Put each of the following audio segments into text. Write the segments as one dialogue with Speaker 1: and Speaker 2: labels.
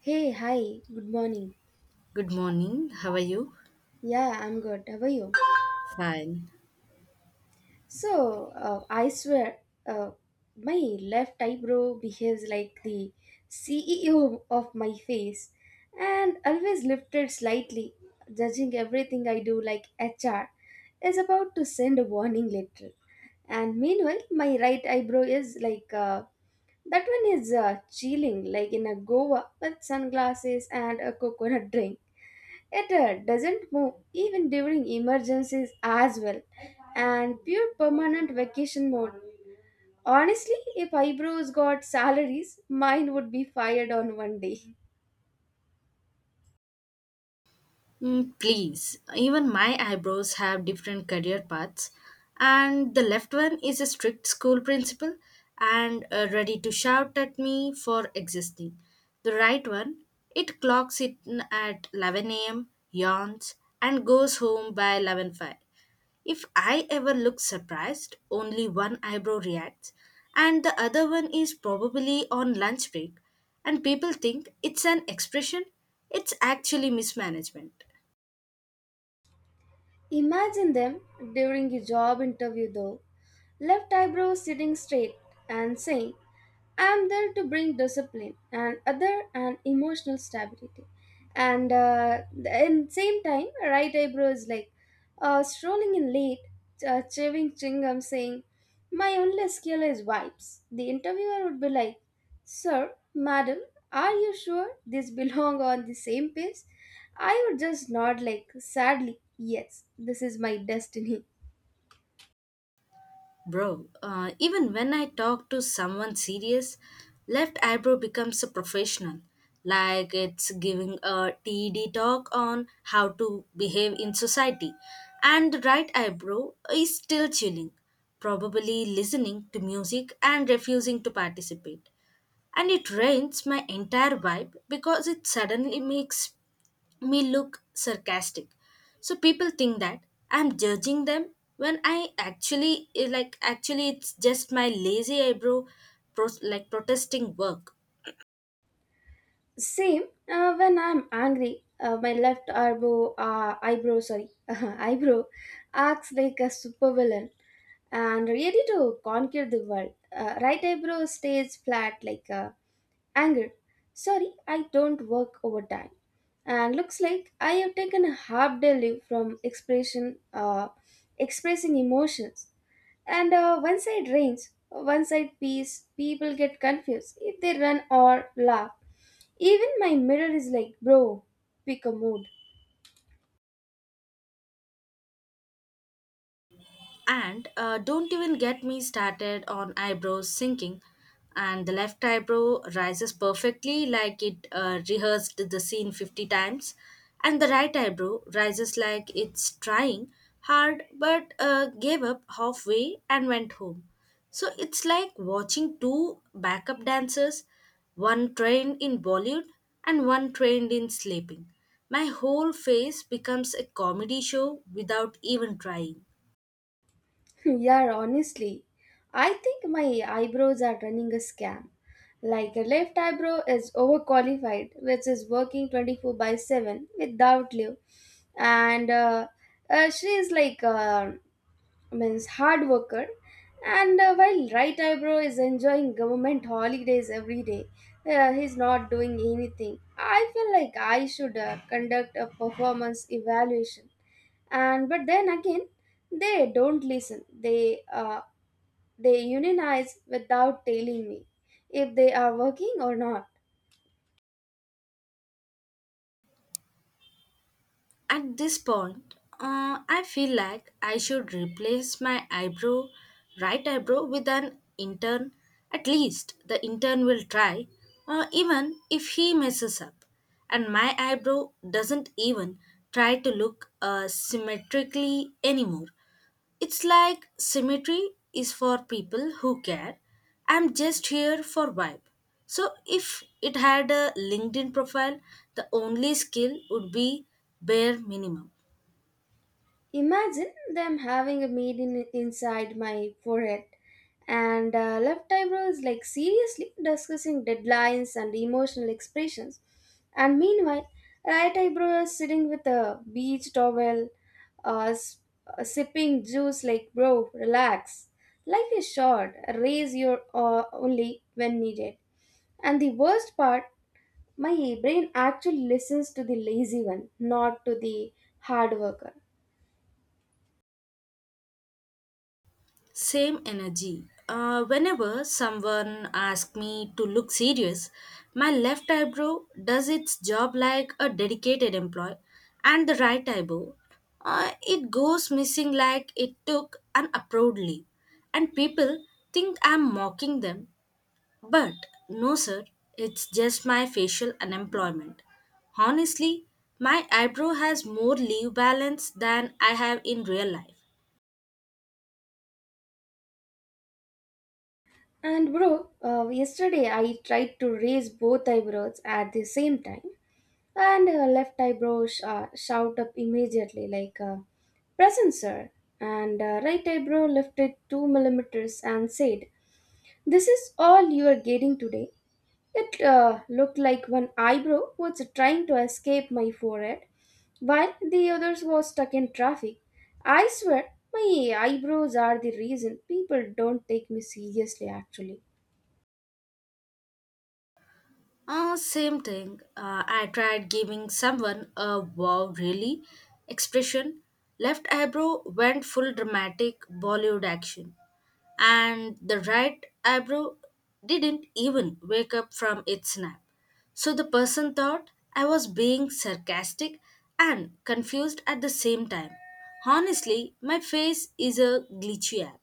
Speaker 1: Hey, hi, good morning.
Speaker 2: Good morning. How are you?
Speaker 1: Yeah, I'm good. How are you?
Speaker 2: Fine.
Speaker 1: So, I swear, uh, my left eyebrow behaves like the CEO of my face and always lifted slightly, judging everything I do like HR is about to send a warning letter. And meanwhile, my right eyebrow is like that one is chilling, like in a Goa with sunglasses and a coconut drink. It doesn't move even during emergencies as well. And pure permanent vacation mode. Honestly, if eyebrows got salaries, mine would be fired on one day.
Speaker 2: Please, even my eyebrows have different career paths, and the left one is a strict school principal and ready to shout at me for existing. The right one, it clocks in at 11 a.m., yawns, and goes home by eleven five. If I ever look surprised, only one eyebrow reacts, and the other one is probably on lunch break, and people think it's an expression. It's actually mismanagement.
Speaker 1: Imagine them during a job interview though. Left eyebrow sitting straight and saying, I am there to bring discipline and other and emotional stability. And in same time, right eyebrow is like strolling in late, chewing saying, "My only skill is vibes." The interviewer would be like, "Sir, madam, are you sure these belong on the same page?" I would just nod like sadly, "Yes, this is my destiny."
Speaker 2: Bro, even when I talk to someone serious, left eyebrow becomes a professional. Like it's giving a TED talk on how to behave in society. And the right eyebrow is still chilling, probably listening to music and refusing to participate. And it ruins my entire vibe because it suddenly makes me look sarcastic, so people think that I'm judging them when I actually, like, actually it's just my lazy eyebrow, like, protesting work.
Speaker 1: Same. When I'm angry, my left eyebrow, acts like a supervillain and ready to conquer the world. Right eyebrow stays flat like a Anger. Sorry, I don't work overtime. And looks like I have taken a half day leave from expressing emotions. And one side rains, one side peace. People get confused if they run or laugh. Even my mirror is like, bro, pick a mood.
Speaker 2: And don't even get me started on eyebrows sinking. And the left eyebrow rises perfectly like it rehearsed the scene 50 times. And the right eyebrow rises like it's trying hard but gave up halfway and went home. So it's like watching two backup dancers, one trained in Bollywood and one trained in sleeping. My whole face becomes a comedy show without even trying.
Speaker 1: Yeah, honestly, I think my eyebrows are running a scam. Like a left eyebrow is overqualified, which is working 24 by 7 without leave. And she is like, means hard worker. And while right eyebrow is enjoying government holidays every day, he's not doing anything. I feel like I should conduct a performance evaluation, and but then again they don't listen, they unionize without telling me if they are working or not.
Speaker 2: At this point, I feel like I should replace my eyebrow, right eyebrow, with an intern. At least the intern will try, even if he messes up. And my eyebrow doesn't even try to look symmetrically anymore. It's like symmetry is for people who care. I'm just here for vibe. So if it had a LinkedIn profile, the only skill would be bare minimum.
Speaker 1: Imagine them having a maiden inside my forehead, and left eyebrows, like seriously discussing deadlines and emotional expressions. And meanwhile, right eyebrow is sitting with a beach towel, uh, s- sipping juice, like, bro, relax. Life is short, raise your only when needed. And the worst part, my brain actually listens to the lazy one, not to the hard worker.
Speaker 2: Same energy. Whenever someone asks me to look serious, my left eyebrow does its job like a dedicated employee, and the right eyebrow, it goes missing like it took an approved leave. And people think I'm mocking them, but no, sir, it's just my facial unemployment. Honestly, my eyebrow has more leave balance than I have in real life.
Speaker 1: And bro, yesterday I tried to raise both eyebrows at the same time, and left eyebrow shout up immediately like present sir, and right eyebrow lifted 2 mm and said, "This is all you are getting today." It looked like one eyebrow was trying to escape my forehead, while the others was stuck in traffic. I swear, my eyebrows are the reason people don't take me seriously. Actually.
Speaker 2: Same thing. I tried giving someone a wow, really expression. Left eyebrow went full dramatic Bollywood action. And the right eyebrow didn't even wake up from its nap. So the person thought I was being sarcastic and confused at the same time. Honestly, my face is a glitchy app.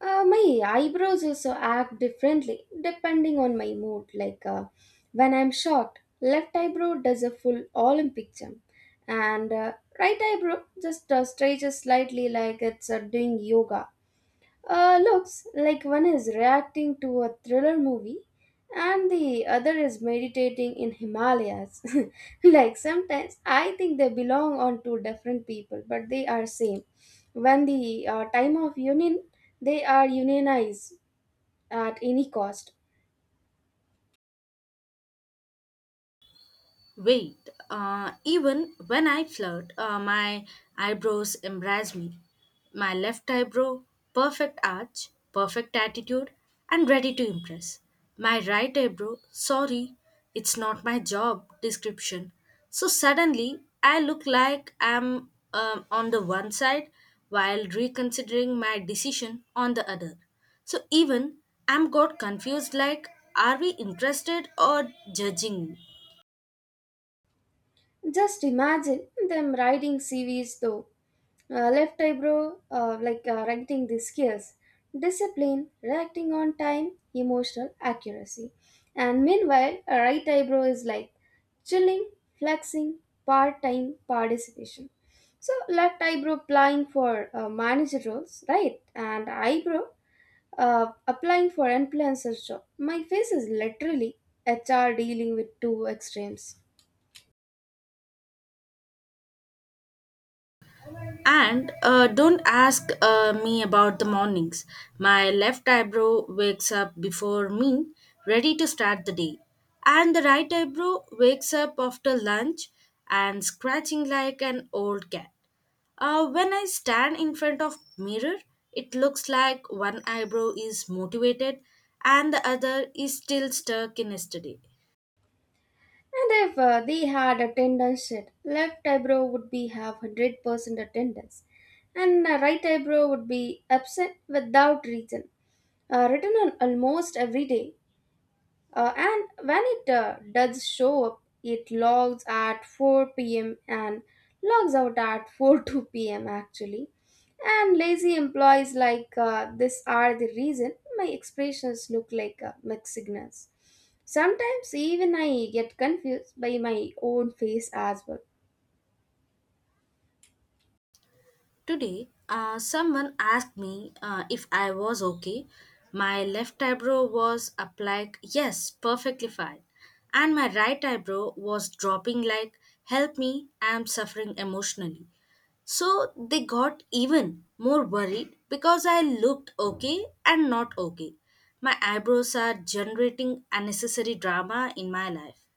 Speaker 1: My eyebrows also act differently depending on my mood. Like when I'm shocked, left eyebrow does a full Olympic jump, and right eyebrow just stretches slightly like it's doing yoga. Looks like one is reacting to a thriller movie and the other is meditating in Himalayas. Like sometimes I think they belong on two different people, but they are same. When the time of union, they are unionized at any cost.
Speaker 2: Wait, even when I flirt, my eyebrows embrace me. My left eyebrow, perfect arch, perfect attitude, and ready to impress. My right eyebrow, sorry, it's not my job description. So suddenly, I look like I'm on the one side while reconsidering my decision on the other. So even I'm got confused like, are we interested or judging me?
Speaker 1: Just imagine them writing CVs though. Left eyebrow, like writing the skills, discipline, reacting on time, emotional accuracy. And meanwhile, a right eyebrow is like chilling, flexing, part time participation. So, left eyebrow applying for manager roles, right? And eyebrow applying for influencer job. My face is literally HR dealing with two extremes.
Speaker 2: And don't ask me about the mornings. My left eyebrow wakes up before me, ready to start the day. And the right eyebrow wakes up after lunch and scratching like an old cat. When I stand in front of mirror, it looks like one eyebrow is motivated and the other is still stuck in yesterday.
Speaker 1: And if they had attendance sheet, left eyebrow would be have 100% attendance, and right eyebrow would be absent without reason, written on almost every day. And when it does show up, it logs at 4 p.m. and logs out at 4 two p.m. actually. And lazy employees like this are the reason my expressions look like mixed signals. Sometimes even I get confused by my own face as well.
Speaker 2: Today, someone asked me if I was okay. My left eyebrow was up like, yes, perfectly fine. And my right eyebrow was dropping like, help me, I'm suffering emotionally. So they got even more worried because I looked okay and not okay. My eyebrows are generating unnecessary drama in my life.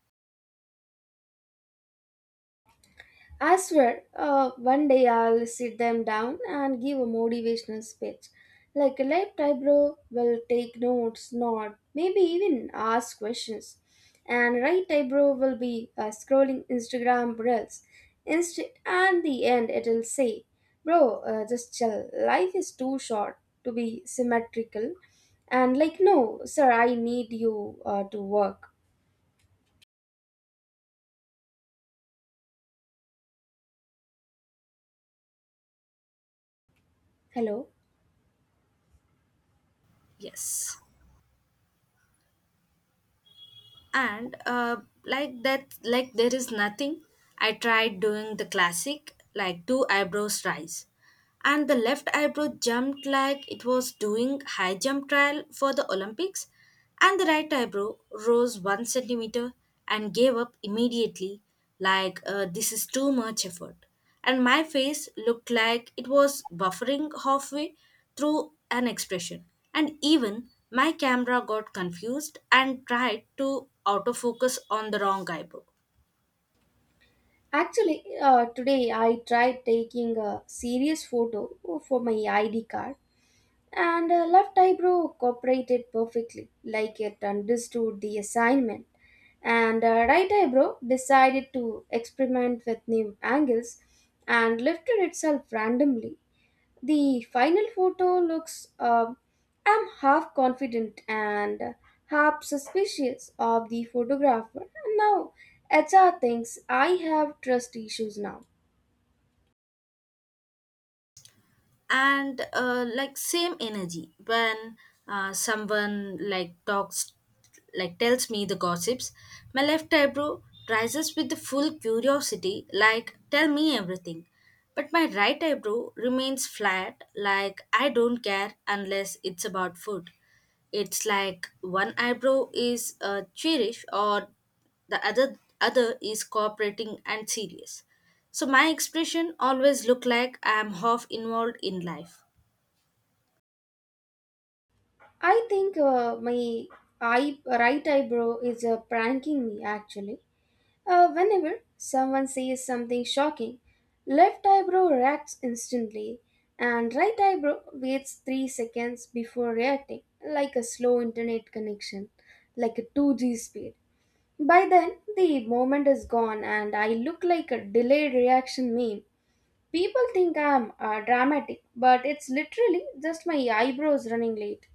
Speaker 1: I swear, one day I'll sit them down and give a motivational speech. Like a light bro will take notes, nod, maybe even ask questions. And right type bro will be scrolling Instagram reels. Inst- and the end it'll say, bro, just chill. Life is too short to be symmetrical. And like, no, sir, I need you to work. Hello?
Speaker 2: Yes. And like that, like there is nothing. I tried doing the classic, like two eyebrows rise, and the left eyebrow jumped like it was doing high jump trial for the Olympics, and the right eyebrow rose 1 centimeter and gave up immediately, like, this is too much effort. And my face looked like it was buffering halfway through an expression. And even my camera got confused and tried to autofocus on the wrong eyebrow.
Speaker 1: Actually, today I tried taking a serious photo for my ID card, and left eyebrow cooperated perfectly, like it understood the assignment. And right eyebrow decided to experiment with new angles and lifted itself randomly. The final photo looks, I'm half confident and half suspicious of the photographer. Now, HR thinks I have trust issues now.
Speaker 2: And like, same energy, when someone, like, talks, like, tells me the gossips, my left eyebrow rises with the full curiosity like tell me everything, but my right eyebrow remains flat like I don't care unless it's about food. It's like one eyebrow is cherished, or the other is cooperating and serious, so my expression always look like I am half involved in life.
Speaker 1: I think right eyebrow is pranking me actually. Whenever someone says something shocking, left eyebrow reacts instantly and right eyebrow waits 3 seconds before reacting, like a slow internet connection, like a 2G speed. By then, the moment is gone and I look like a delayed reaction meme. People think I'm dramatic, but it's literally just my eyebrows running late.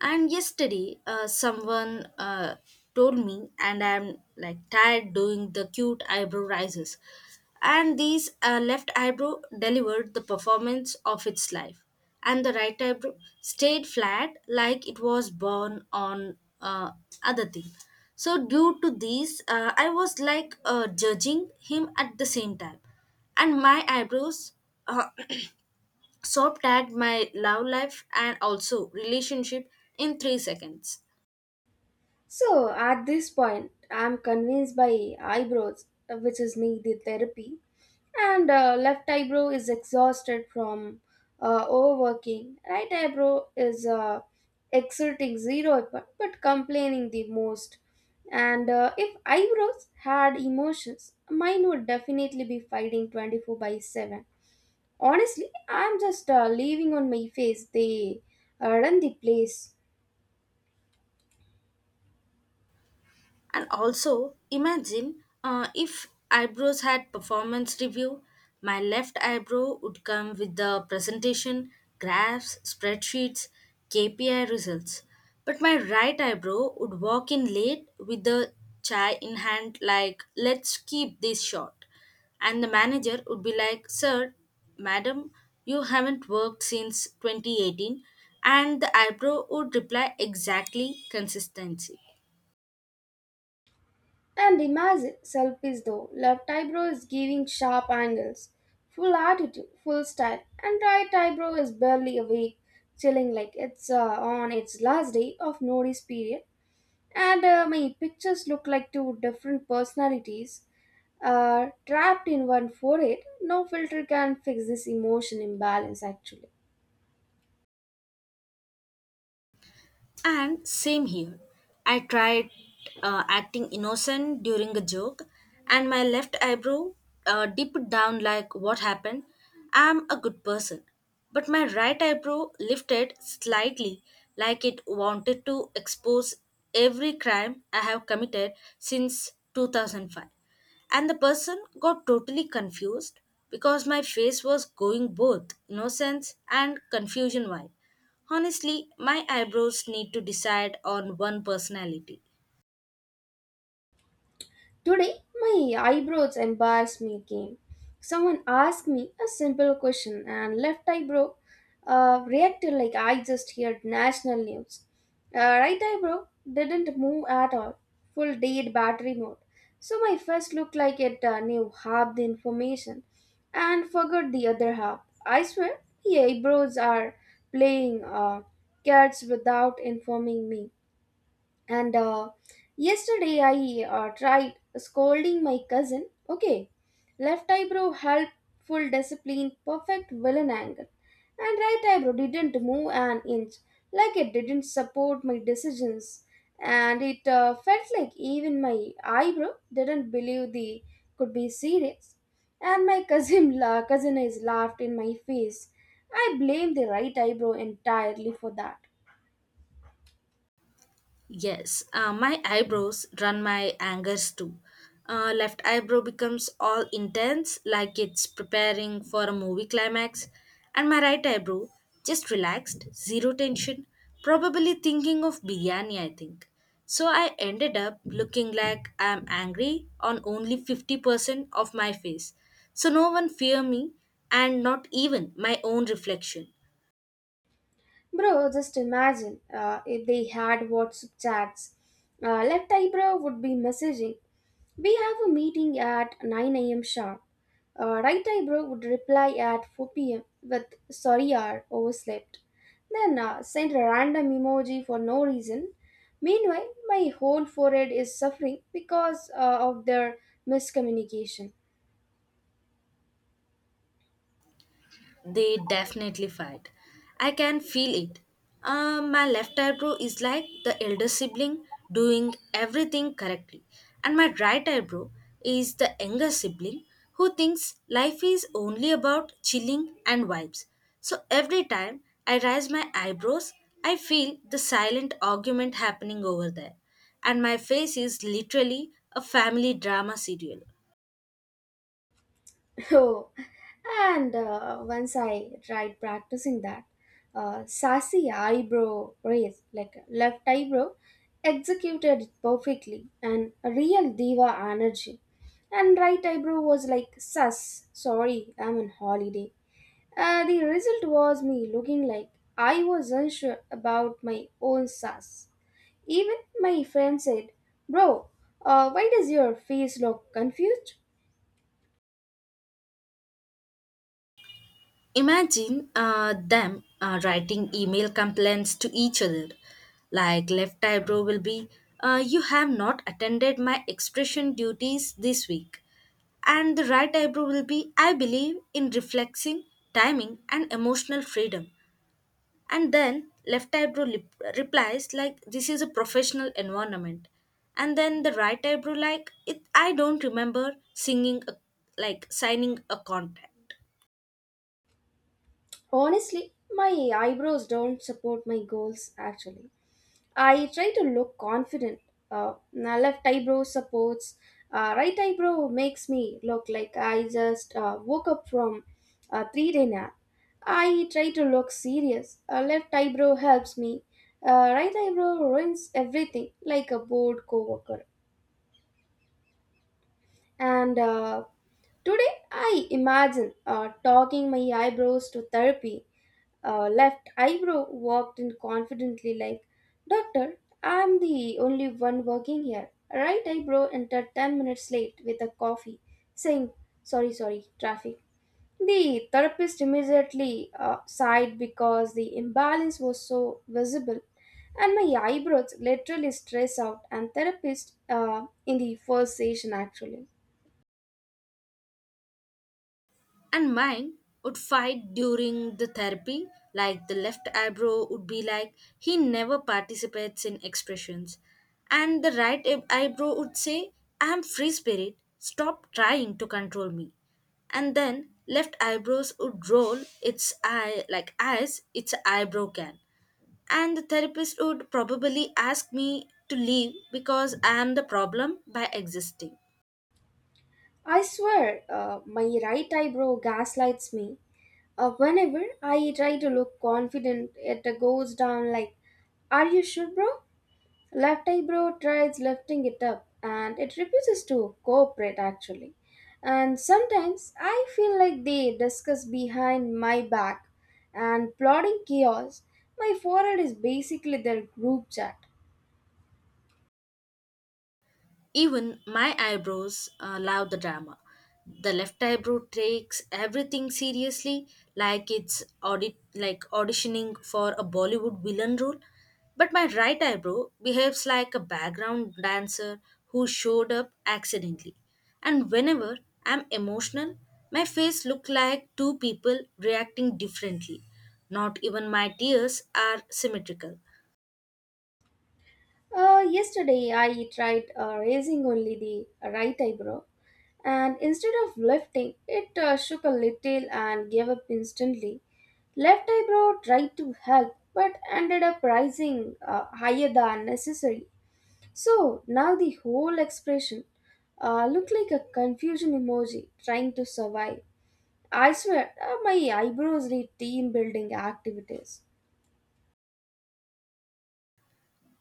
Speaker 2: And yesterday, someone told me, and I'm like tired doing the cute eyebrow rises. And these, left eyebrow delivered the performance of its life, and the right eyebrow stayed flat like it was born on other thing. So due to these, I was like, judging him at the same time, and my eyebrows, uh, so tagged my love life and also relationship in 3 seconds.
Speaker 1: So at this point, I'm convinced by eyebrows, which is needed therapy, and left eyebrow is exhausted from overworking. Right eyebrow is exerting zero effort but complaining the most. And if eyebrows had emotions, mine would definitely be fighting 24 by 7. Honestly, I'm just leaving on my face. They run the place.
Speaker 2: And also, imagine if eyebrows had performance review, my left eyebrow would come with the presentation, graphs, spreadsheets, KPI results. But my right eyebrow would walk in late with the chai in hand, like, let's keep this short. And the manager would be like, Sir, Madam, you haven't worked since 2018. And the eyebrow would reply exactly consistency.
Speaker 1: And the image itself is though. Left eyebrow is giving sharp angles, full attitude, full style, and right eyebrow is barely awake, chilling like it's on its last day of notice period. And my pictures look like two different personalities trapped in one forehead. No filter can fix this emotion imbalance actually.
Speaker 2: And same here. I tried, acting innocent during a joke, and my left eyebrow dipped down like, What happened? I'm a good person. But my right eyebrow lifted slightly, like it wanted to expose every crime I have committed since 2005. And the person got totally confused because my face was going both innocence and confusion vibe. Honestly, my eyebrows need to decide on one personality.
Speaker 1: Today, my eyebrows embarrassed me again. Someone asked me a simple question, and left eyebrow reacted like I just heard national news. Right eyebrow didn't move at all, full dead battery mode. So my face looked like it knew half the information and forgot the other half. I swear, the eyebrows are playing cards without informing me, and yesterday I tried scolding my cousin. Okay. Left eyebrow helpful discipline perfect villain angle, and right eyebrow didn't move an inch like it didn't support my decisions, and it felt like even my eyebrow didn't believe they could be serious, and my cousin cousin is laughed in my face. I blame the right eyebrow entirely for that.
Speaker 2: Yes, my eyebrows run my angers too. Left eyebrow becomes all intense, like it's preparing for a movie climax, and my right eyebrow just relaxed, zero tension, probably thinking of biryani, I think. So I ended up looking like I'm angry on only 50% of my face. So no one fear me, and not even my own reflection.
Speaker 1: Bro, just imagine if they had WhatsApp chats. Left eyebrow would be messaging. We have a meeting at 9 a.m. sharp. Right eyebrow would reply at 4 p.m. with sorry R overslept. Then send a random emoji for no reason. Meanwhile, my whole forehead is suffering because of their miscommunication.
Speaker 2: They definitely fight. I can feel it. My left eyebrow is like the elder sibling doing everything correctly, and my right eyebrow is the younger sibling who thinks life is only about chilling and vibes. So every time I raise my eyebrows, I feel the silent argument happening over there, and my face is literally a family drama serial.
Speaker 1: Oh, and once I tried practicing that sassy eyebrow raise, like left eyebrow, executed it perfectly and a real diva energy. And right eyebrow was like, sus, sorry, I'm on holiday. The result was me looking like I was unsure about my own sass. Even my friend said, bro, why does your face look confused?
Speaker 2: Imagine them writing email complaints to each other. Like left eyebrow will be, You have not attended my expression duties this week. And the right eyebrow will be, I believe in reflexing, timing, and emotional freedom. And then left eyebrow replies, like, This is a professional environment. And then the right eyebrow, like, it, I don't remember like, signing a contract.
Speaker 1: Honestly, my eyebrows don't support my goals actually. I try to look confident. My left eyebrow supports, right eyebrow makes me look like I just woke up from a 3 day nap. I try to look serious. Left eyebrow helps me. Right eyebrow ruins everything like a bored coworker. And today I imagine talking my eyebrows to therapy. Left eyebrow walked in confidently, like, doctor, I'm the only one working here. Right eyebrow entered 10 minutes late with a coffee, saying, sorry, sorry, traffic. The therapist immediately sighed because the imbalance was so visible, and my eyebrows literally stressed out. And therapist in the first session actually.
Speaker 2: And mine would fight during the therapy, like the left eyebrow would be like he never participates in expressions, and the right eyebrow would say I am free spirit, stop trying to control me. And then left eyebrows would roll its eye, like as its eyebrow can, and the therapist would probably ask me to leave because I am the problem by existing.
Speaker 1: I swear, my right eyebrow gaslights me. Whenever I try to look confident, it goes down like, are you sure, bro? Left eyebrow tries lifting it up and it refuses to cooperate actually. And sometimes I feel like they discuss behind my back and plotting chaos. My forehead is basically their group chat.
Speaker 2: Even my eyebrows love the drama. The left eyebrow takes everything seriously, like it's like auditioning for a Bollywood villain role. But my right eyebrow behaves like a background dancer who showed up accidentally. And whenever I'm emotional, my face looks like two people reacting differently. Not even my tears are symmetrical.
Speaker 1: Yesterday I tried raising only the right eyebrow, and instead of lifting, it shook a little and gave up instantly. Left eyebrow tried to help but ended up rising higher than necessary. So now the whole expression looked like a confusion emoji trying to survive. I swear, my eyebrows need team building activities.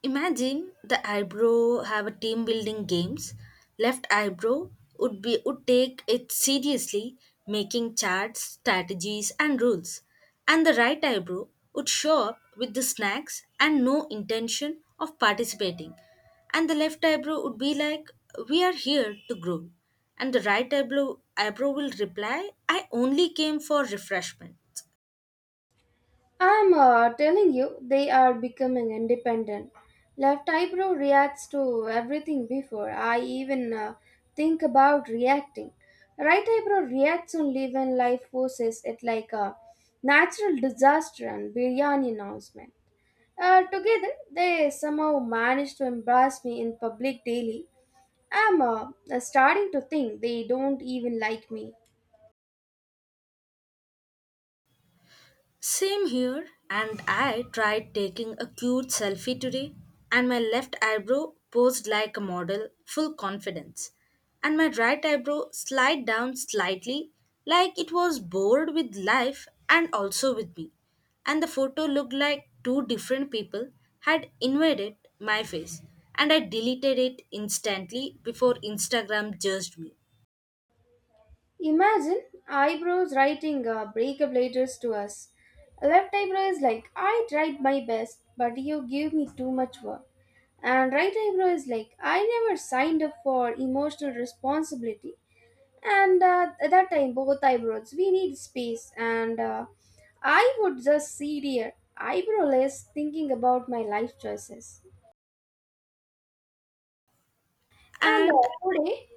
Speaker 2: Imagine the eyebrow have a team building games. Left eyebrow would take it seriously, making charts, strategies and rules. And the right eyebrow would show up with the snacks and no intention of participating. And the left eyebrow would be like, We are here to grow. And the right eyebrow will reply, I only came for refreshment.
Speaker 1: I'm telling you, they are becoming independent. Left eyebrow reacts to everything before I even think about reacting. Right eyebrow reacts only when life forces it like a natural disaster and biryani announcement. Together, they somehow manage to embarrass me in public daily. I'm starting to think they don't even like me.
Speaker 2: Same here, and I tried taking a cute selfie today, and my left eyebrow posed like a model, full confidence, and my right eyebrow slid down slightly, like it was bored with life and also with me. And the photo looked like two different people had invaded my face, and I deleted it instantly before Instagram judged me.
Speaker 1: Imagine eyebrows writing breakup letters to us. Left eyebrow is like, I tried my best, but you gave me too much work. And right eyebrow is like, I never signed up for emotional responsibility. And at that time, both eyebrows, we need space. And I would just sit here, eyebrowless, thinking about my life choices. And
Speaker 2: And
Speaker 1: today,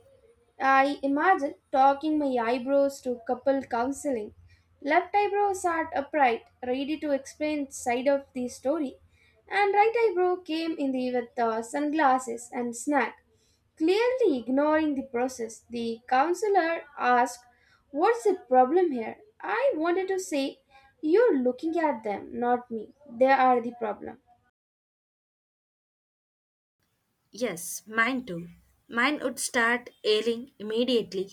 Speaker 1: I imagine talking my eyebrows to couple counseling. Left eyebrow sat upright, ready to explain side of the story, and right eyebrow came in the with sunglasses and snack. Clearly ignoring the process, the counselor asked, "What's the problem here?" I wanted to say, "You're looking at them, not me. They are the problem."
Speaker 2: yes, mine too. Mine would start ailing immediately.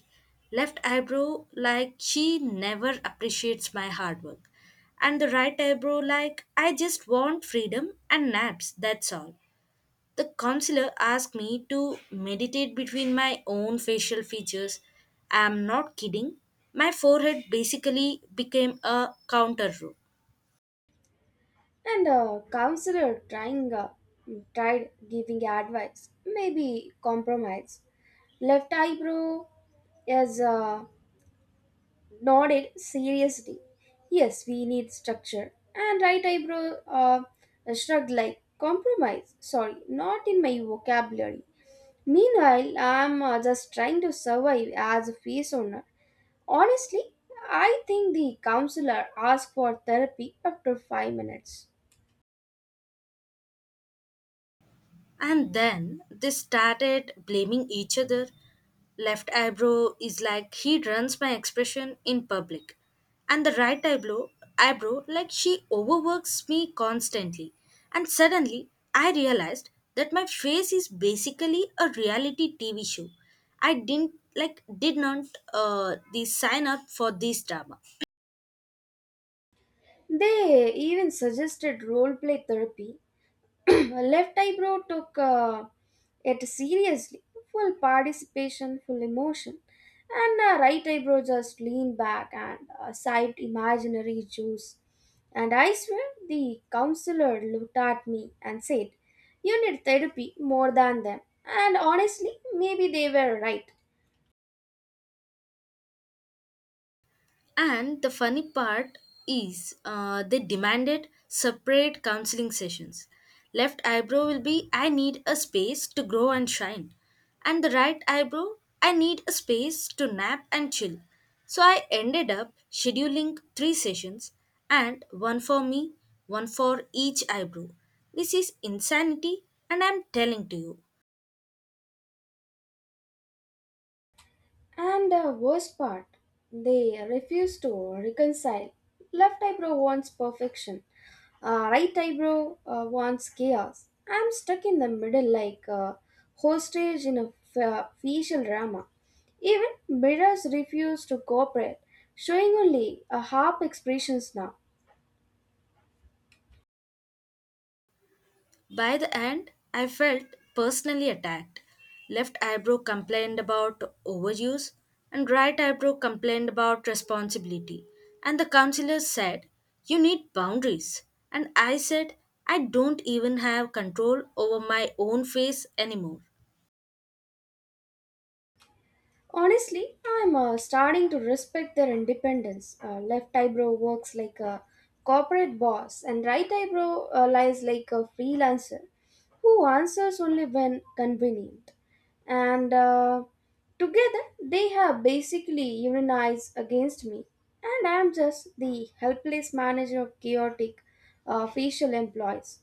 Speaker 2: Left eyebrow like she never appreciates my hard work. And the right eyebrow like I just want freedom and naps, that's all. The counselor asked me to meditate between my own facial features. I'm not kidding. My forehead basically became a counter room.
Speaker 1: And counselor trying tried giving advice, maybe compromise. Left eyebrow is nodded seriously. Yes, we need structure. And right eyebrow shrugged like compromise. Sorry, not in my vocabulary. Meanwhile, I'm just trying to survive as a face owner. Honestly, I think the counselor asked for therapy after 5 minutes.
Speaker 2: And then they started blaming each other. Left eyebrow is like he runs my expression in public. And the right eyebrow like she overworks me constantly. And suddenly I realized that my face is basically a reality TV show. I did not the sign up for this drama.
Speaker 1: They even suggested role play therapy, left eyebrow took it seriously, full participation, full emotion, and right eyebrow just leaned back and sipped imaginary juice. And I swear the counselor looked at me and said, you need therapy more than them. And honestly, maybe they were right.
Speaker 2: And the funny part is, they demanded separate counseling sessions. Left eyebrow will be I need a space to grow and shine. And the right eyebrow, I need a space to nap and chill. So I ended up scheduling three sessions, and one for me, one for each eyebrow. This is insanity, and I'm telling to you.
Speaker 1: And the worst part, they refuse to reconcile. Left eyebrow wants perfection, right eyebrow wants chaos. I'm stuck in the middle like a hostage in a facial drama. Even mirrors refuse to cooperate, showing only a half expressions now.
Speaker 2: By the end, I felt personally attacked. Left eyebrow complained about overuse, and right eyebrow complained about responsibility. And the counselor said, You need boundaries. And I said, I don't even have control over my own face anymore.
Speaker 1: Honestly, I'm starting to respect their independence. Left eyebrow works like a corporate boss, and right eyebrow lies like a freelancer who answers only when convenient. And together, they have basically unionized against me, and I'm just the helpless manager of chaotic facial employees.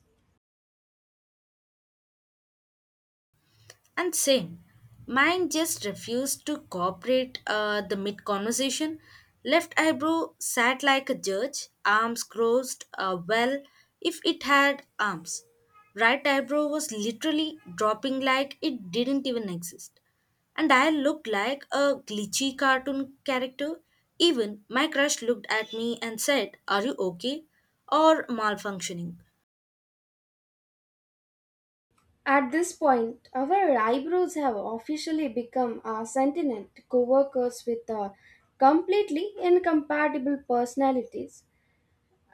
Speaker 2: And same, mine just refused to cooperate the mid conversation. Left eyebrow sat like a judge, arms crossed, well, if it had arms. Right eyebrow was literally dropping like it didn't even exist. And I looked like a glitchy cartoon character. Even my crush looked at me and said, Are you okay? Or malfunctioning.
Speaker 1: At this point, our eyebrows have officially become a sentient co-workers with completely incompatible personalities.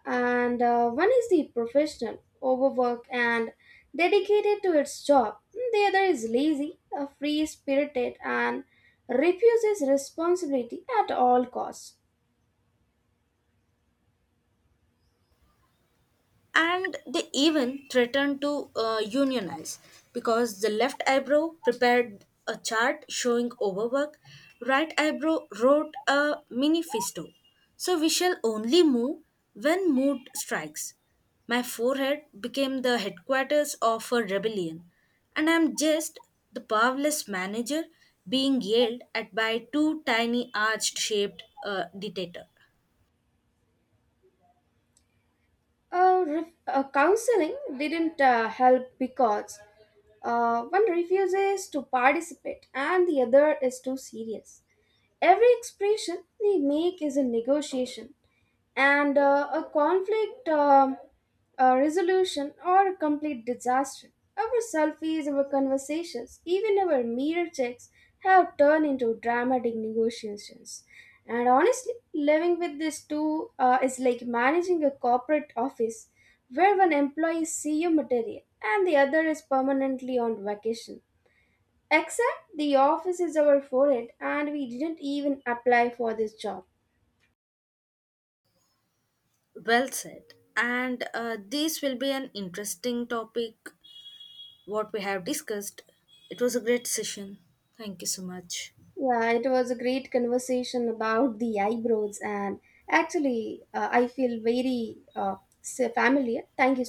Speaker 1: And one is the professional, overworked and dedicated to its job. The other is lazy, free-spirited and refuses responsibility at all costs.
Speaker 2: And they even threatened to unionize, because the left eyebrow prepared a chart showing overwork, right eyebrow wrote a manifesto, so we shall only move when mood strikes. My forehead became the headquarters of a rebellion, and I'm just the powerless manager being yelled at by two tiny arched shaped dictator.
Speaker 1: Counseling didn't help because one refuses to participate and the other is too serious. Every expression they make is a negotiation and a conflict, a resolution or a complete disaster. Our selfies, our conversations, even our mirror checks have turned into dramatic negotiations. And honestly, living with these two is like managing a corporate office where one employee is CEO material and the other is permanently on vacation. Except the office is our forehead, and we didn't even apply for this job.
Speaker 2: Well said. And this will be an interesting topic what we have discussed. It was a great session. Thank you so much.
Speaker 1: Yeah, it was a great conversation about the eyebrows, and actually, I feel very familiar. Thank you so